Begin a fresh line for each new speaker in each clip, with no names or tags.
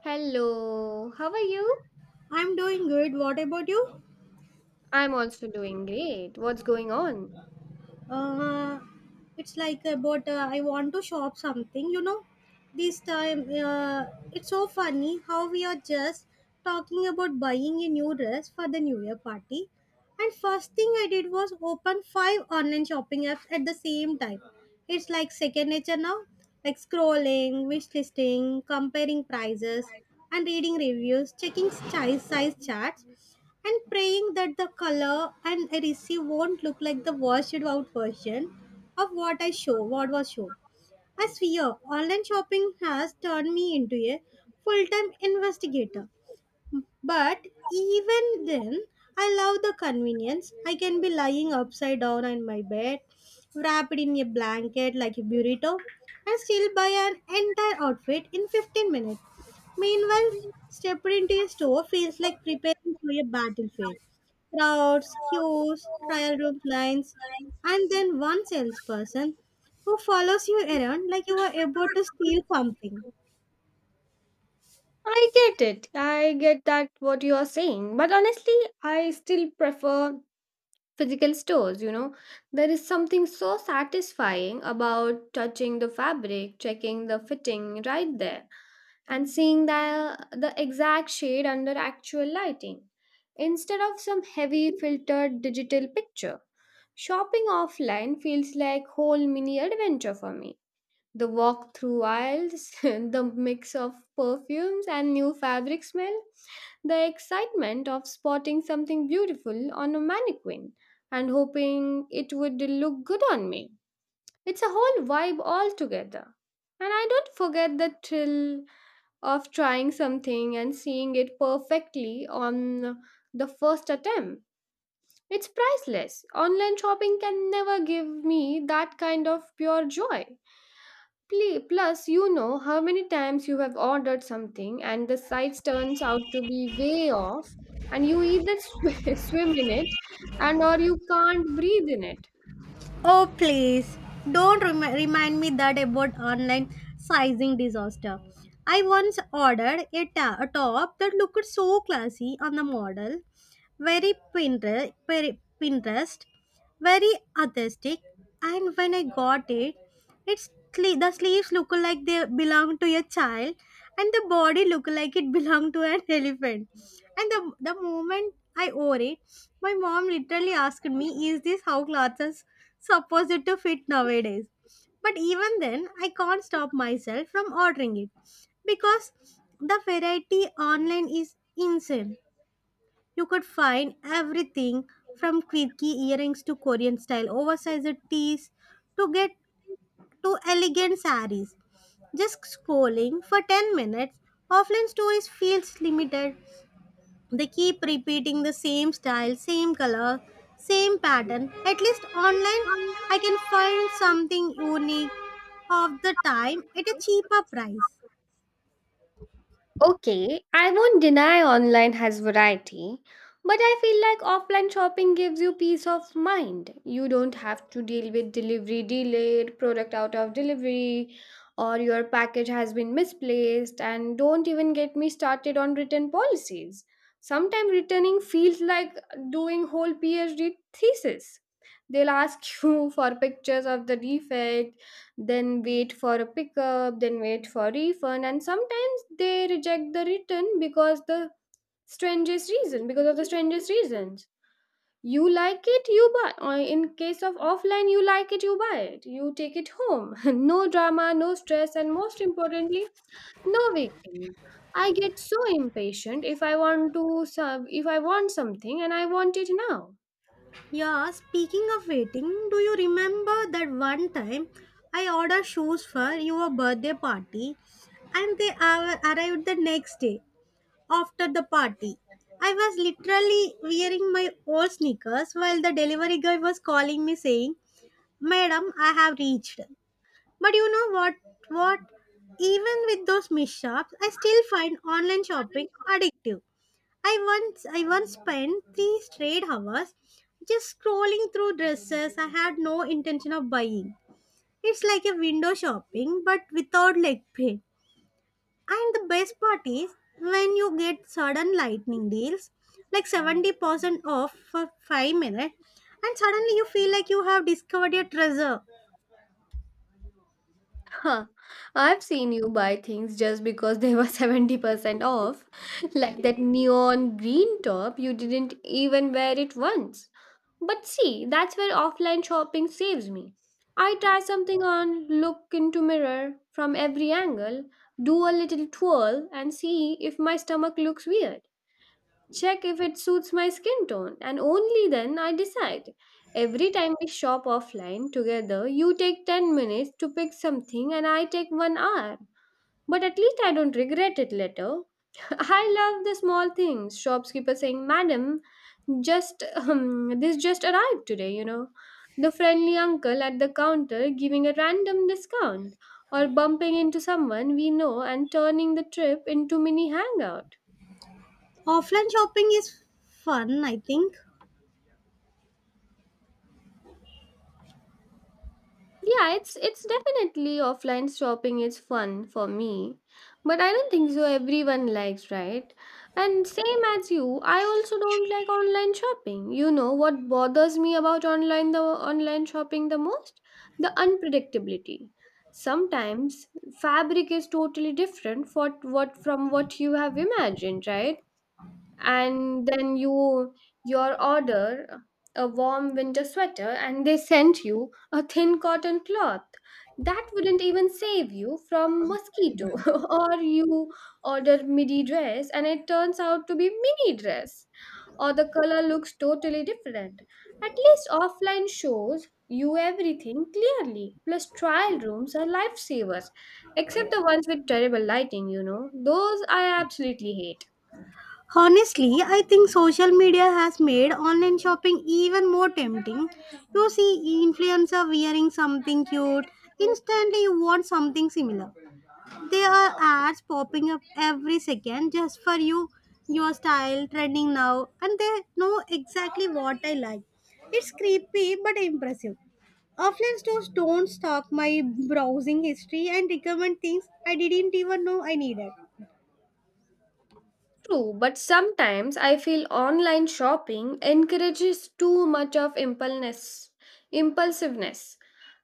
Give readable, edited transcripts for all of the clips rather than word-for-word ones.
Hello, how are you?
I'm doing good. What about you?
I'm also doing great. What's going on?
Uh, it's like about I want to shop something. This time, it's so funny how we are just talking about buying a new dress for the New Year party. And first thing I did was open five online shopping apps at the same time. It's like second nature now, like scrolling, wish listing, comparing prices, and reading reviews, checking size charts. And praying that the color and receive won't look like the washed out version of what was shown. I swear, online shopping has turned me into a full-time investigator. But even then, I love the convenience. I can be lying upside down in my bed, wrapped in a blanket like a burrito, and still buy an entire outfit in 15 minutes. Meanwhile, stepping into a store feels like preparing for a battlefield. Crowds, queues, trial room lines, and then one salesperson who follows you around like you are about to steal something.
I get it. I get that what you are saying. But honestly, I still prefer physical stores, you know. There is something so satisfying about touching the fabric, checking the fitting right there, and seeing the exact shade under actual lighting instead of some heavy filtered digital picture. Shopping offline feels like whole mini adventure for me. The walk through aisles, the mix of perfumes and new fabric smell, the excitement of spotting something beautiful on a mannequin and hoping it would look good on me. It's a whole vibe altogether. And I don't forget the thrill of trying something and seeing it perfectly on the first attempt. It's priceless. Online shopping can never give me that kind of pure joy. Plus, you know how many times you have ordered something and the size turns out to be way off, and you either swim in it and or you can't breathe in it.
Oh, please don't remind me that about online sizing disaster. I once ordered a top that looked so classy on the model, very Pinterest, very Pinterest, very artistic. And when I got it, the sleeves look like they belong to a child, and the body look like it belong to an elephant. And the moment I wore it, my mom literally asked me, "Is this how clothes are supposed to fit nowadays?" But even then, I can't stop myself from ordering it because the variety online is insane. You could find everything from quirky earrings to Korean style oversized tees to get to elegant saris. Just scrolling for 10 minutes, offline stores feels limited. They keep repeating the same style, same color, same pattern. At least online, I can find something unique of the time at a cheaper price.
Okay, I won't deny online has variety, but I feel like offline shopping gives you peace of mind. You don't have to deal with delivery delayed, product out of delivery, or your package has been misplaced, and don't even get me started on return policies. Sometimes returning feels like doing whole PhD thesis. They'll ask you for pictures of the defect, then wait for a pickup, then wait for refund, and sometimes they reject the return because the strangest reason, because of the strangest reasons. You like it, you buy. Or in case of offline, you like it, you buy it. You take it home. No drama, no stress, and most importantly, no waiting. I get so impatient if I want to serve, if I want something and I want it now.
Yeah, speaking of waiting, do you remember that one time I ordered shoes for your birthday party and they arrived the next day after the party? I was literally wearing my old sneakers while the delivery guy was calling me saying, "Madam, I have reached." But you know what? What? Even with those mishaps, I still find online shopping addictive. I I once spent 3 straight hours just scrolling through dresses I had no intention of buying. It's like a window shopping but without leg pain. And the best part is when you get sudden lightning deals like 70% off for 5 minutes and suddenly you feel like you have discovered your treasure.
Huh. I've seen you buy things just because they were 70% off. Like that neon green top, you didn't even wear it once. But see, that's where offline shopping saves me. I try something on, look into mirror from every angle, do a little twirl and see if my stomach looks weird, check if it suits my skin tone, and only then I decide. Every time we shop offline together, you take 10 minutes to pick something, and I take 1 hour. But at least I don't regret it later. I love the small things. Shopkeeper saying, "Madam, just this just arrived today," you know. The friendly uncle at the counter giving a random discount, or bumping into someone we know and turning the trip into mini hangout.
Offline shopping is fun, I think.
Yeah, it's definitely offline shopping is fun for me, but I don't think so everyone likes, right? And same as you, I also don't like online shopping. You know what bothers me about online shopping the most? The unpredictability. Sometimes fabric is totally different for what from what you have imagined, right? And then your order a warm winter sweater and they sent you a thin cotton cloth that wouldn't even save you from mosquito, or you order midi dress and it turns out to be mini dress, or the color looks totally different. At least offline shows you everything clearly. Plus trial rooms are lifesavers, except the ones with terrible lighting. You know those, I absolutely hate.
Honestly, I think social media has made online shopping even more tempting. You see influencer wearing something cute, instantly you want something similar. There are ads popping up every second just for you, your style, trending now, and they know exactly what I like. It's creepy but impressive. Offline stores don't stock my browsing history and recommend things I didn't even know I needed.
True, but sometimes I feel online shopping encourages too much of impulsiveness. Impulsiveness.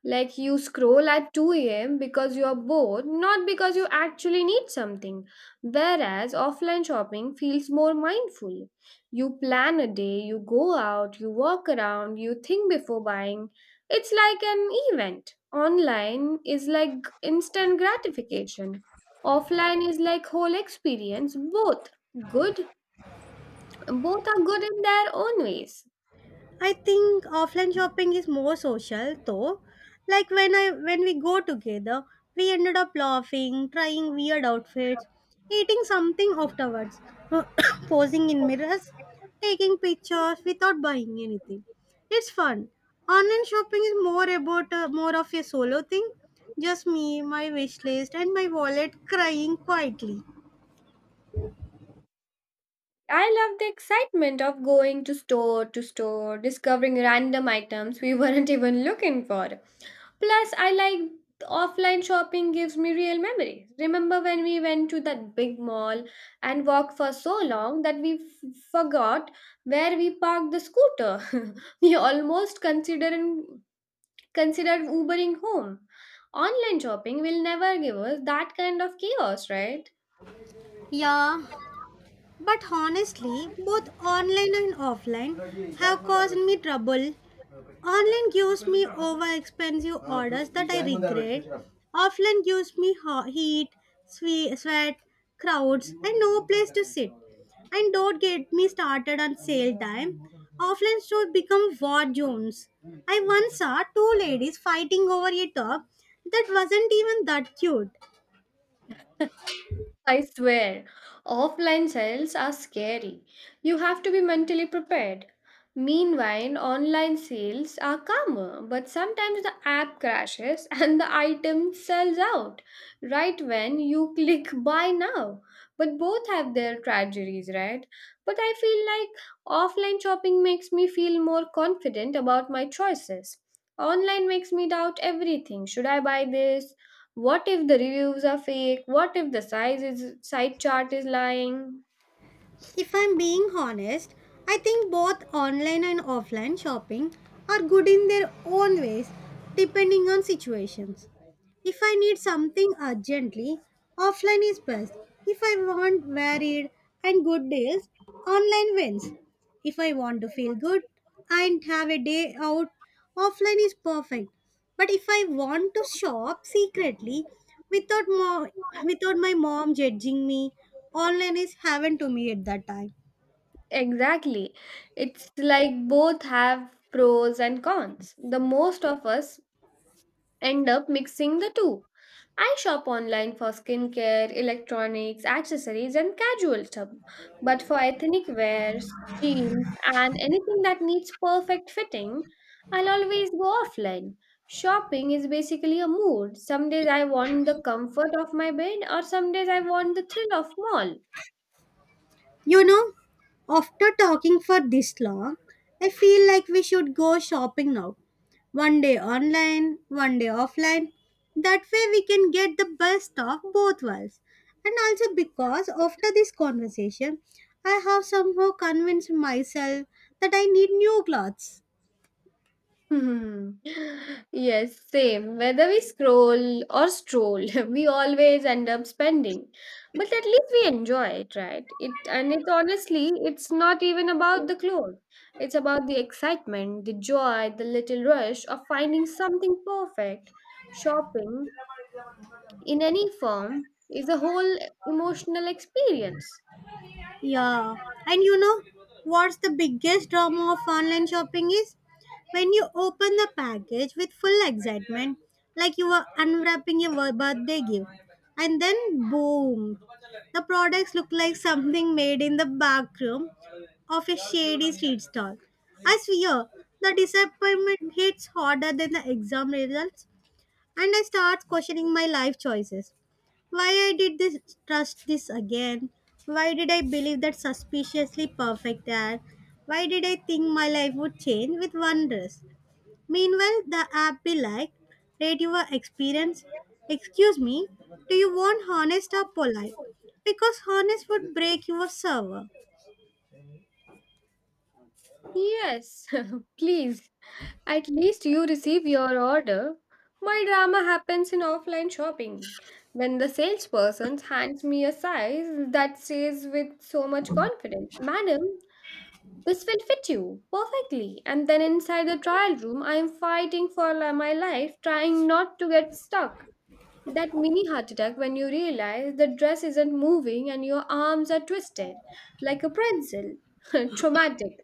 Like you scroll at 2 a.m. because you are bored, not because you actually need something. Whereas offline shopping feels more mindful. You plan a day, you go out, you walk around, you think before buying. It's like an event. Online is like instant gratification. Offline is like whole experience, both good. Both are good in their own ways.
I think offline shopping is more social though. Like when we go together, we ended up laughing, trying weird outfits, eating something afterwards, posing in mirrors, taking pictures without buying anything. It's fun. Online shopping is more of a solo thing. Just me, my wish list, and my wallet crying quietly.
I love the excitement of going to store, discovering random items we weren't even looking for. Plus, I like offline shopping gives me real memories. Remember when we went to that big mall and walked for so long that we forgot where we parked the scooter? We almost considering Consider Ubering home. Online shopping will never give us that kind of chaos, right?
Yeah, but honestly, both online and offline have caused me trouble. Online gives me over expensive orders that I regret. Offline gives me heat, sweat, crowds, and no place to sit. And don't get me started on sale time. Offline stores become war zones. I once saw two ladies fighting over a top that wasn't even that cute.
I swear, offline sales are scary. You have to be mentally prepared. Meanwhile, online sales are calmer, but sometimes the app crashes and the item sells out right when you click buy now. But both have their tragedies, right? But I feel like offline shopping makes me feel more confident about my choices. Online makes me doubt everything. Should I buy this? What if the reviews are fake? What if the size is site chart is lying?
If I'm being honest, I think both online and offline shopping are good in their own ways depending on situations. If I need something urgently, offline is best. If I want varied and good deals, online wins. If I want to feel good and have a day out, offline is perfect. But if I want to shop secretly without without my mom judging me, online is heaven to me at that time.
Exactly. It's like both have pros and cons. The most of us end up mixing the two. I shop online for skincare, electronics, accessories, and casual stuff. But for ethnic wears, jeans, and anything that needs perfect fitting, I'll always go offline. Shopping is basically a mood. Some days I want the comfort of my bed, or some days I want the thrill of mall.
You know, after talking for this long, I feel like we should go shopping now. One day online, one day offline. That way we can get the best of both worlds. And also because after this conversation, I have somehow convinced myself that I need new clothes.
Hmm. Yes, same. Whether we scroll or stroll, we always end up spending. But at least we enjoy it, right? It honestly, it's not even about the clothes. It's about the excitement, the joy, the little rush of finding something perfect. Shopping in any form is a whole emotional experience.
Yeah. And you know what's the biggest drama of online shopping is? When you open the package with full excitement, like you are unwrapping your birthday gift, and then boom, the products look like something made in the back room of a shady street stall. I swear, the disappointment hits harder than the exam results, and I start questioning my life choices. Why I did this trust this again? Why did I believe that suspiciously perfect ad? Why did I think my life would change with one dress? Meanwhile, the app be like, rate your experience. Excuse me, do you want honest or polite? Because honest would break your server.
Yes, please. At least you receive your order. My drama happens in offline shopping when the salesperson hands me a size that says with so much confidence, "Madam, this will fit you perfectly." And then inside the trial room, I am fighting for my life, trying not to get stuck. That mini heart attack when you realize the dress isn't moving and your arms are twisted like a pretzel. Traumatic.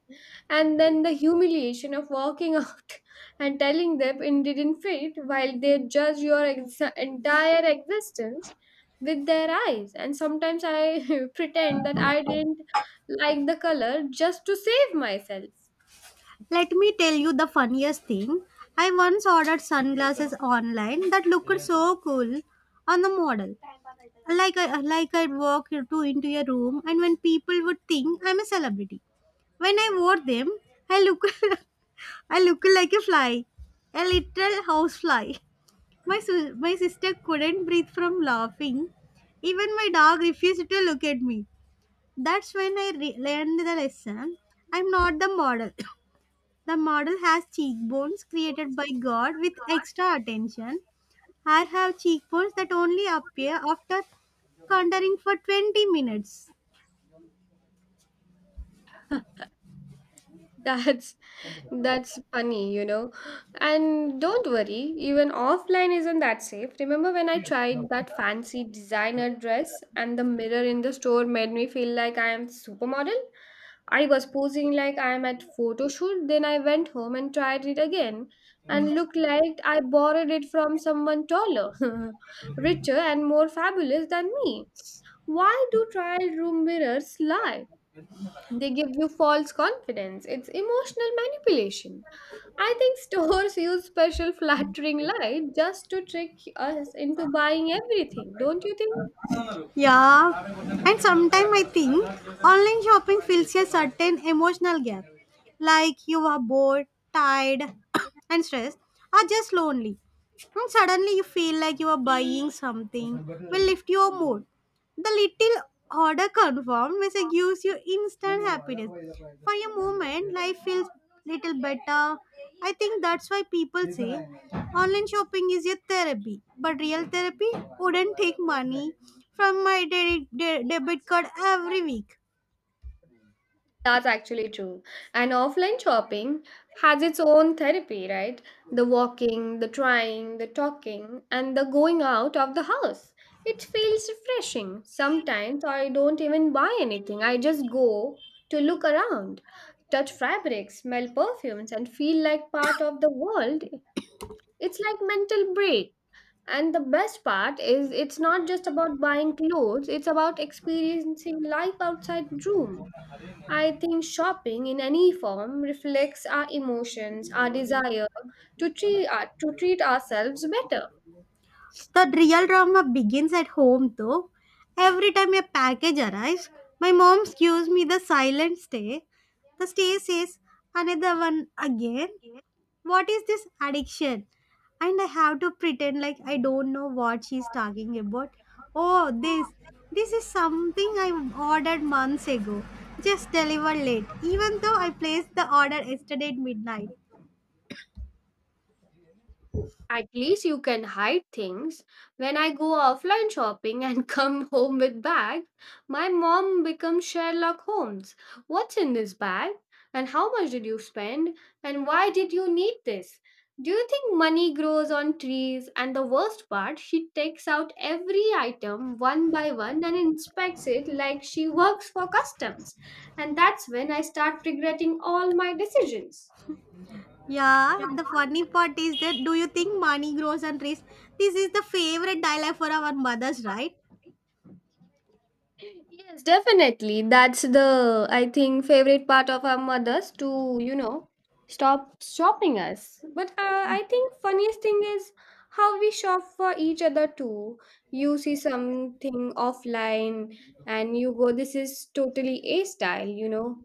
And then the humiliation of walking out and telling them it didn't fit while they judge your entire existence with their eyes. And sometimes I pretend that I didn't like the color just to save myself.
Let me tell you the funniest thing. I once ordered sunglasses online that looked so cool on the model. Like I'd walk to into a room, and when people would think I'm a celebrity. When I wore them, I look, I look like a fly, a little housefly. My sister couldn't breathe from laughing. Even my dog refused to look at me. That's when I learned the lesson. I'm not the model. The model has cheekbones created by God with extra attention. I have cheekbones that only appear after contouring for 20 minutes.
That's that's funny, you know. And don't worry, even offline isn't that safe. Remember when I tried that fancy designer dress and the mirror in the store made me feel like I am supermodel? I was posing like I am at photo shoot, then I went home and tried it again and looked like I borrowed it from someone taller, richer and more fabulous than me. Why do trial room mirrors lie? They give you false confidence. It's emotional manipulation. I think stores use special flattering light just to trick us into buying everything, don't you think?
Yeah, and sometimes I think online shopping fills a certain emotional gap. Like you are bored, tired, and stressed, or just lonely. And suddenly you feel like you are buying something will lift your mood. The little order confirmed message gives you instant happiness. For a moment, life feels little better. I think that's why people say online shopping is your therapy, but real therapy wouldn't take money from my debit card every week.
That's actually true. And offline shopping has its own therapy, right? The walking, the trying, the talking, and the going out of the house. It feels refreshing. Sometimes I don't even buy anything, I just go to look around, touch fabrics, smell perfumes, and feel like part of the world. It's like mental break. And the best part is it's not just about buying clothes, it's about experiencing life outside room. I think shopping in any form reflects our emotions, our desire to treat, to treat ourselves better.
The real drama begins at home though. Every time a package arrives, my mom gives me the silent stay. The stay says, another one again, what is this addiction? And I have to pretend like I don't know what she's talking about. Oh, this is something I ordered months ago, just delivered late, even though I placed the order yesterday at midnight.
At least you can hide things. When I go offline shopping and come home with bag, my mom becomes Sherlock Holmes. What's in this bag? And how much did you spend? And why did you need this? Do you think money grows on trees? And the worst part, she takes out every item one by one and inspects it like she works for customs. And that's when I start regretting all my decisions.
Yeah,
Yeah,
the funny part is that, do you think money grows on trees? This is the favorite dialogue for our mothers, right?
yes, definitely. That's the, I think, favorite part of our mothers to, you know, stop shopping us. But I think funniest thing is how we shop for each other too. You see something offline and you go this is totally A style, you know.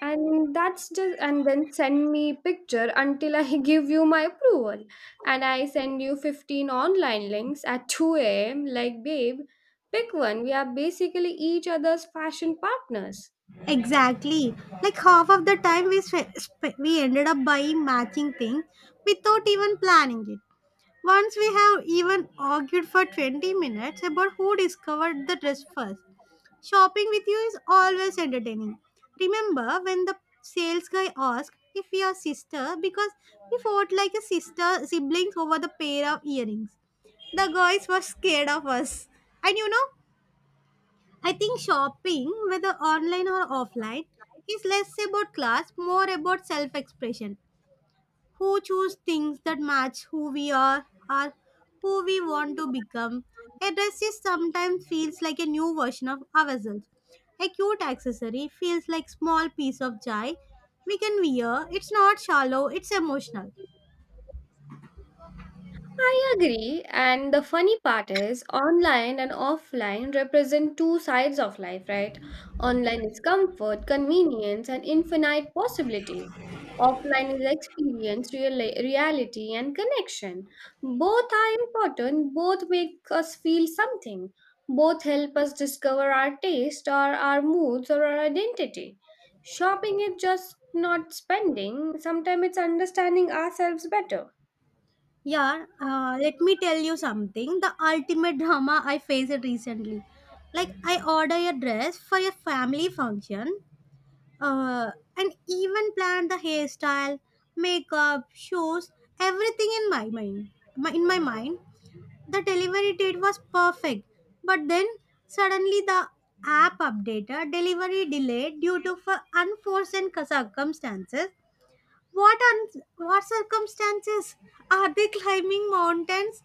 And that's just and then send me picture until I give you my approval. And I send you 15 online links at 2 a.m. like, babe, pick one. We are basically each other's fashion partners.
Exactly. Like half of the time we ended up buying matching things without even planning it. Once we have even argued for 20 minutes about who discovered the dress first. Shopping with you is always entertaining. Remember when the sales guy asked if we are sister because we fought like a sister siblings over the pair of earrings? The guys were scared of us. And you know, I think shopping, whether online or offline, is less about class, more about self expression who choose things that match who we are or who we want to become. A dress is sometimes feels like a new version of ourselves. A cute accessory feels like small piece of joy we can wear. It's not shallow, it's emotional.
I agree, and the funny part is online and offline represent two sides of life, right? Online is comfort, convenience, and infinite possibilities. Offline is experience, reality, and connection. Both are important, both make us feel something, both help us discover our taste, or our moods, or our identity. Shopping is just not spending, sometimes it's understanding ourselves better.
Yeah, let me tell you something. The ultimate drama I faced recently. Like I order a dress for a family function, uh, and even planned the hairstyle, makeup, shoes, everything in my mind. In my mind, the delivery date was perfect, but then suddenly the app updated, delivery delayed due to for unforeseen circumstances. What circumstances are they climbing mountains,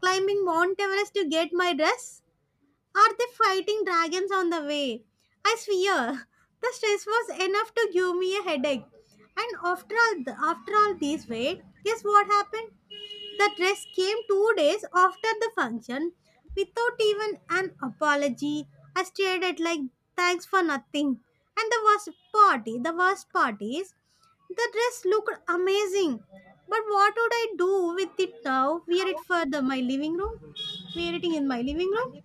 climbing Mount Everest to get my dress? Are they fighting dragons on the way? I swear, the stress was enough to give me a headache. And after all this wait, guess what happened? The dress came 2 days after the function, without even an apology. I stared at like thanks for nothing. And the worst part is, the dress looked amazing. But what would I do with it now? Wear it for my living room? Wear it in my living room?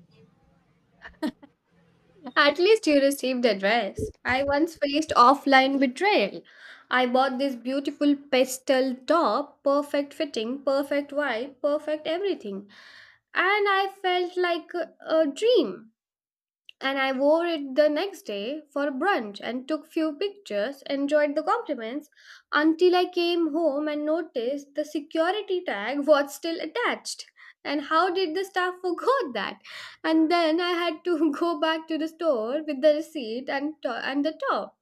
At least you received a dress. I once faced offline betrayal. I bought this beautiful pastel top, perfect fitting, perfect vibe, perfect everything. And I felt like a dream, and I wore it the next day for brunch and took few pictures, enjoyed the compliments until I came home and noticed the security tag was still attached. And how did the staff forgot that? And then I had to go back to the store with the receipt and and the top.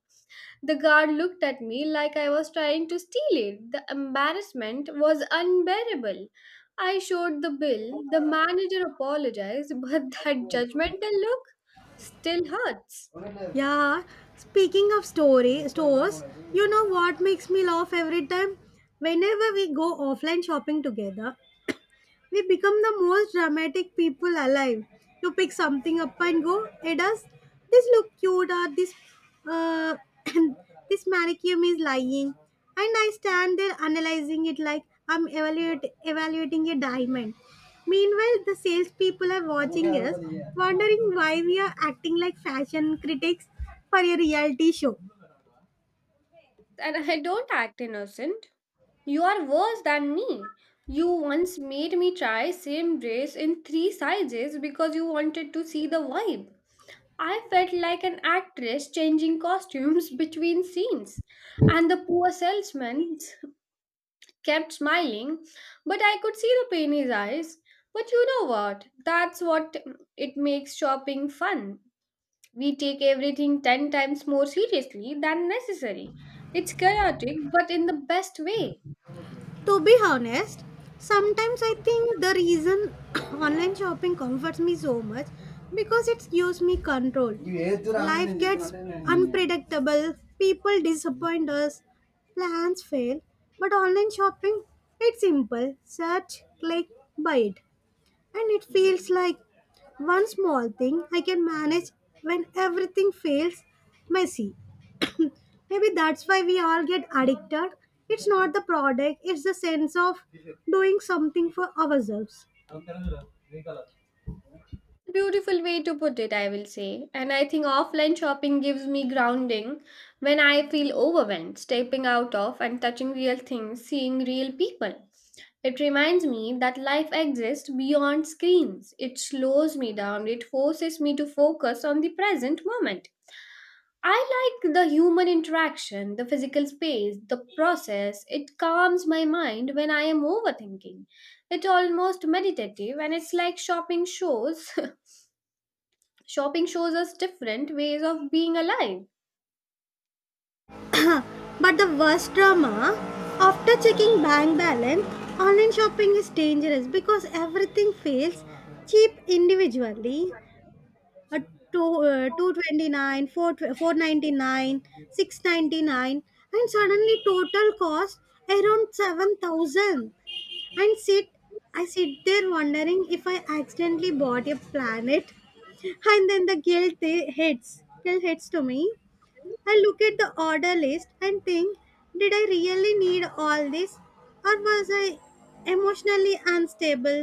The guard looked at me like I was trying to steal it. The embarrassment was unbearable. I showed the bill. The manager apologized, but that judgmental look still hurts.
Yeah, speaking of story stores, you know what makes me laugh every time? Whenever we go offline shopping together, we become the most dramatic people alive. You pick something up and go, it does. This look cute or this uh, this manicure is lying. And I stand there analyzing it like I'm evaluating a diamond. Meanwhile, the salespeople are watching us, wondering why we are acting like fashion critics for a reality show.
And I don't act innocent. You are worse than me. You once made me try same dress in three sizes because you wanted to see the vibe. I felt like an actress changing costumes between scenes and the poor salesman kept smiling, but I could see the pain in his eyes. But you know what? That's what it makes shopping fun. We take everything 10 times more seriously than necessary. It's chaotic, but in the best way.
To be honest, sometimes I think the reason online shopping comforts me so much because it gives me control. Life gets unpredictable, people disappoint us, plans fail, but online shopping, it's simple. Search, click, buy it. And it feels like one small thing I can manage when everything feels messy. Maybe that's why we all get addicted. It's not the product, it's the sense of doing something for ourselves.
Beautiful way to put it, I will say. And I think offline shopping gives me grounding when I feel overwhelmed, stepping out of and touching real things, seeing real people. It reminds me that life exists beyond screens. It slows me down, it forces me to focus on the present moment. I like the human interaction, the physical space, the process. It calms my mind when I am overthinking. It's almost meditative and it's like shopping shows shopping shows us different ways of being alive.
But the worst drama, after checking bank balance, online shopping is dangerous because everything feels cheap individually. A 229, 699, and suddenly total cost around 7,000. And sit i sit there wondering if I accidentally bought a planet. And then the guilt they- hits guilt hits to me. I look at the order list and think, did I really need all this? Or was I emotionally unstable?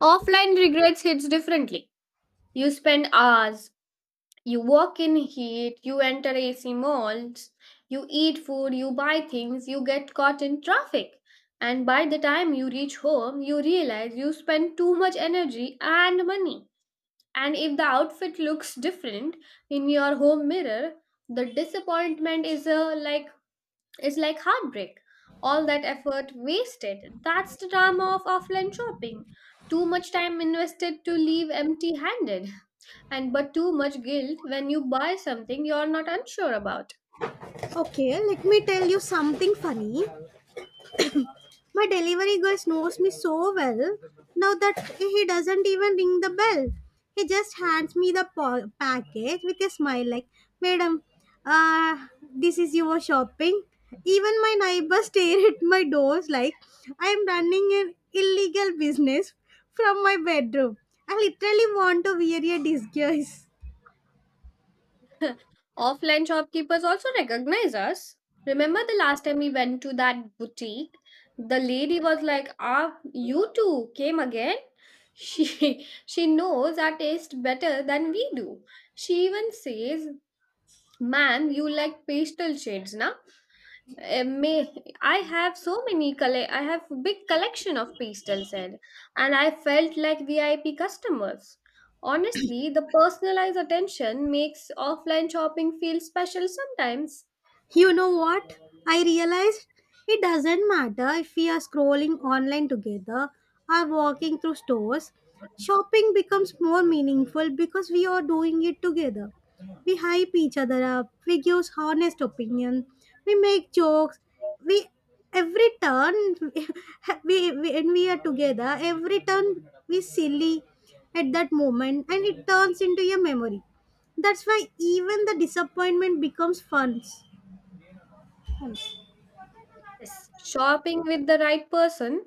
Offline regrets hits differently. You spend hours, you walk in heat, you enter AC malls, you eat food, you buy things, you get caught in traffic. And by the time you reach home, you realize you spend too much energy and money. And if the outfit looks different in your home mirror, the disappointment is like, it's like heartbreak. All that effort wasted. That's the drama of offline shopping. Too much time invested to leave empty handed, and but too much guilt when you buy something you're not unsure about.
Okay, let me tell you something funny. My delivery guy knows me so well now that he doesn't even ring the bell. He just hands me the package with a smile, like, "Madam, uh, this is your shopping." Even my neighbors stare at my doors like I am running an illegal business from my bedroom. I literally want to wear a disguise.
Offline shopkeepers also recognize us. Remember the last time we went to that boutique? The lady was like, "Ah, you two came again?" She knows our taste better than we do. She even says, "Ma'am, you like pastel shades, na?" May I have so many collect. I have big collection of pastels said, and I felt like VIP customers. Honestly, the personalized attention makes offline shopping feel special sometimes.
You know what? I realized it doesn't matter if we are scrolling online together or walking through stores. Shopping becomes more meaningful because we are doing it together. We hype each other up, we give honest opinion, we make jokes, we every turn we when we are together, every turn we silly at that moment, and it turns into a memory. That's why even the disappointment becomes fun.
Yes. Shopping with the right person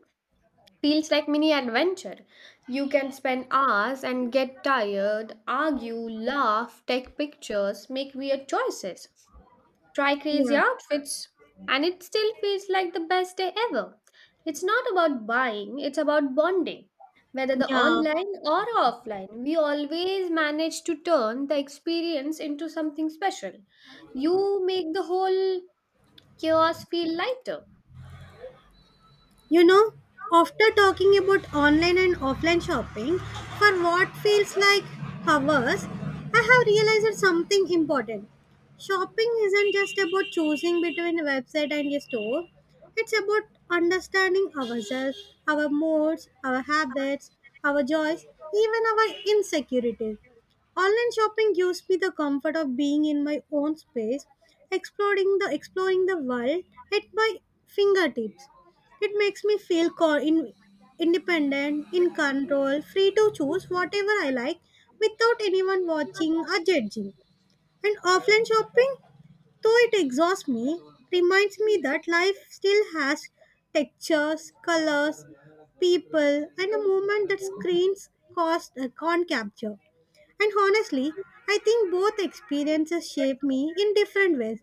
feels like mini adventure. You can spend hours and get tired, argue, laugh, take pictures, make weird choices. Try
你
crazy
有
outfits, and it still feels like the best day ever. It's not about buying, it's about bonding. Whether
你
the
有
online or offline, we always manage to turn the experience into something special. You make the whole chaos feel lighter.
You know, after talking about online and offline shopping for what feels like hours, I have realized something important. Shopping isn't just about choosing between a website and a store, it's about understanding ourselves, our moods, our habits, our joys, even our insecurities. Online shopping gives me the comfort of being in my own space, exploring the world at my fingertips. It makes me feel independent, in control, free to choose whatever I like without anyone watching or judging. And offline shopping? Though it exhausts me, it reminds me that life still has textures, colors, people, and a movement that screens cost, can't capture. And honestly, I think both experiences shape me in different ways.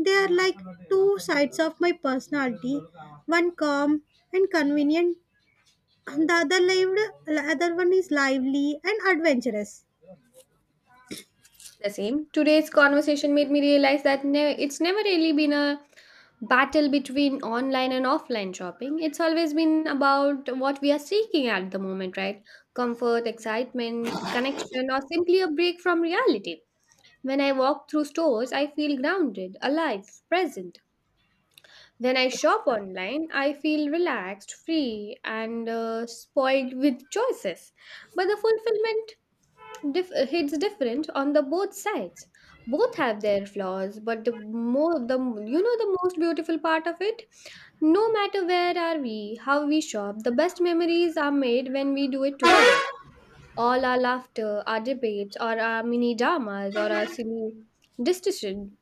They are like two sides of my personality, one calm and convenient, and the other one is lively and adventurous.
The same. Today's conversation made me realize that it's never really been a battle between online and offline shopping. It's always been about what we are seeking at the moment, right? Comfort, excitement, connection, or simply a break from reality. When I walk through stores, I feel grounded, alive, present. When I shop online, I feel relaxed, free, and spoiled with choices. But the it's different on the both sides. Both have their flaws, but the more the you know the most beautiful part of it. No matter where are we, how we shop, the best memories are made when we do it together. All our laughter, our debates, or our mini dramas, or our silly decision,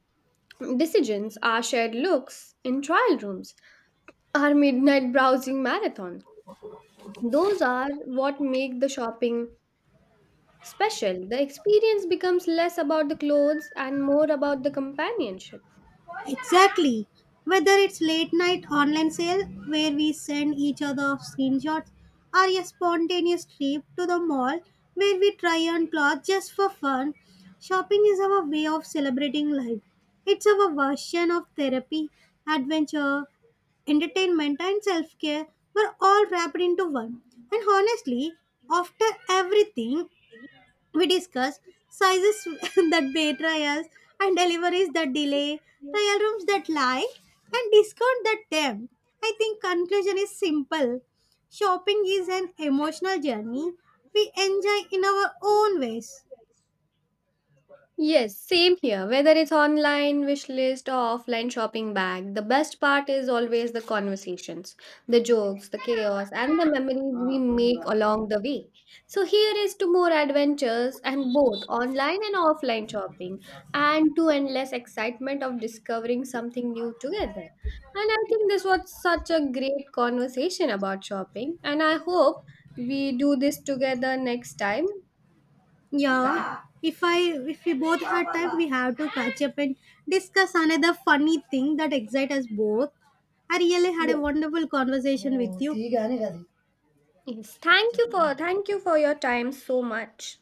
decisions, our shared looks in trial rooms, our midnight browsing marathon. Those are what make the shopping special, the experience becomes less about the clothes and more about the companionship.
Exactly. Whether it's late night online sale where we send each other screenshots or a spontaneous trip to the mall where we try on clothes just for fun, shopping is our way of celebrating life. It's our version of therapy, adventure, entertainment and self-care were all wrapped into one. And honestly, after everything, we discussed sizes that pay trials and deliveries that delay, trial rooms that lie, and discount that tempt. I think conclusion is simple. Shopping is an emotional journey we enjoy in our own ways.
Yes, same here. Whether it's online wish list or offline shopping bag, the best part is always the conversations, the jokes, the chaos, and the memories we make along the way. So, here is to more adventures and both online and offline shopping, and to endless excitement of discovering something new together. And I think this was such a great conversation about shopping, and I hope we do this together next time.
Yeah, if we both had time, we have to catch up and discuss another funny thing that excites us both. I really had a
Yes.
wonderful conversation with you.
Yes, thank you for your time so much.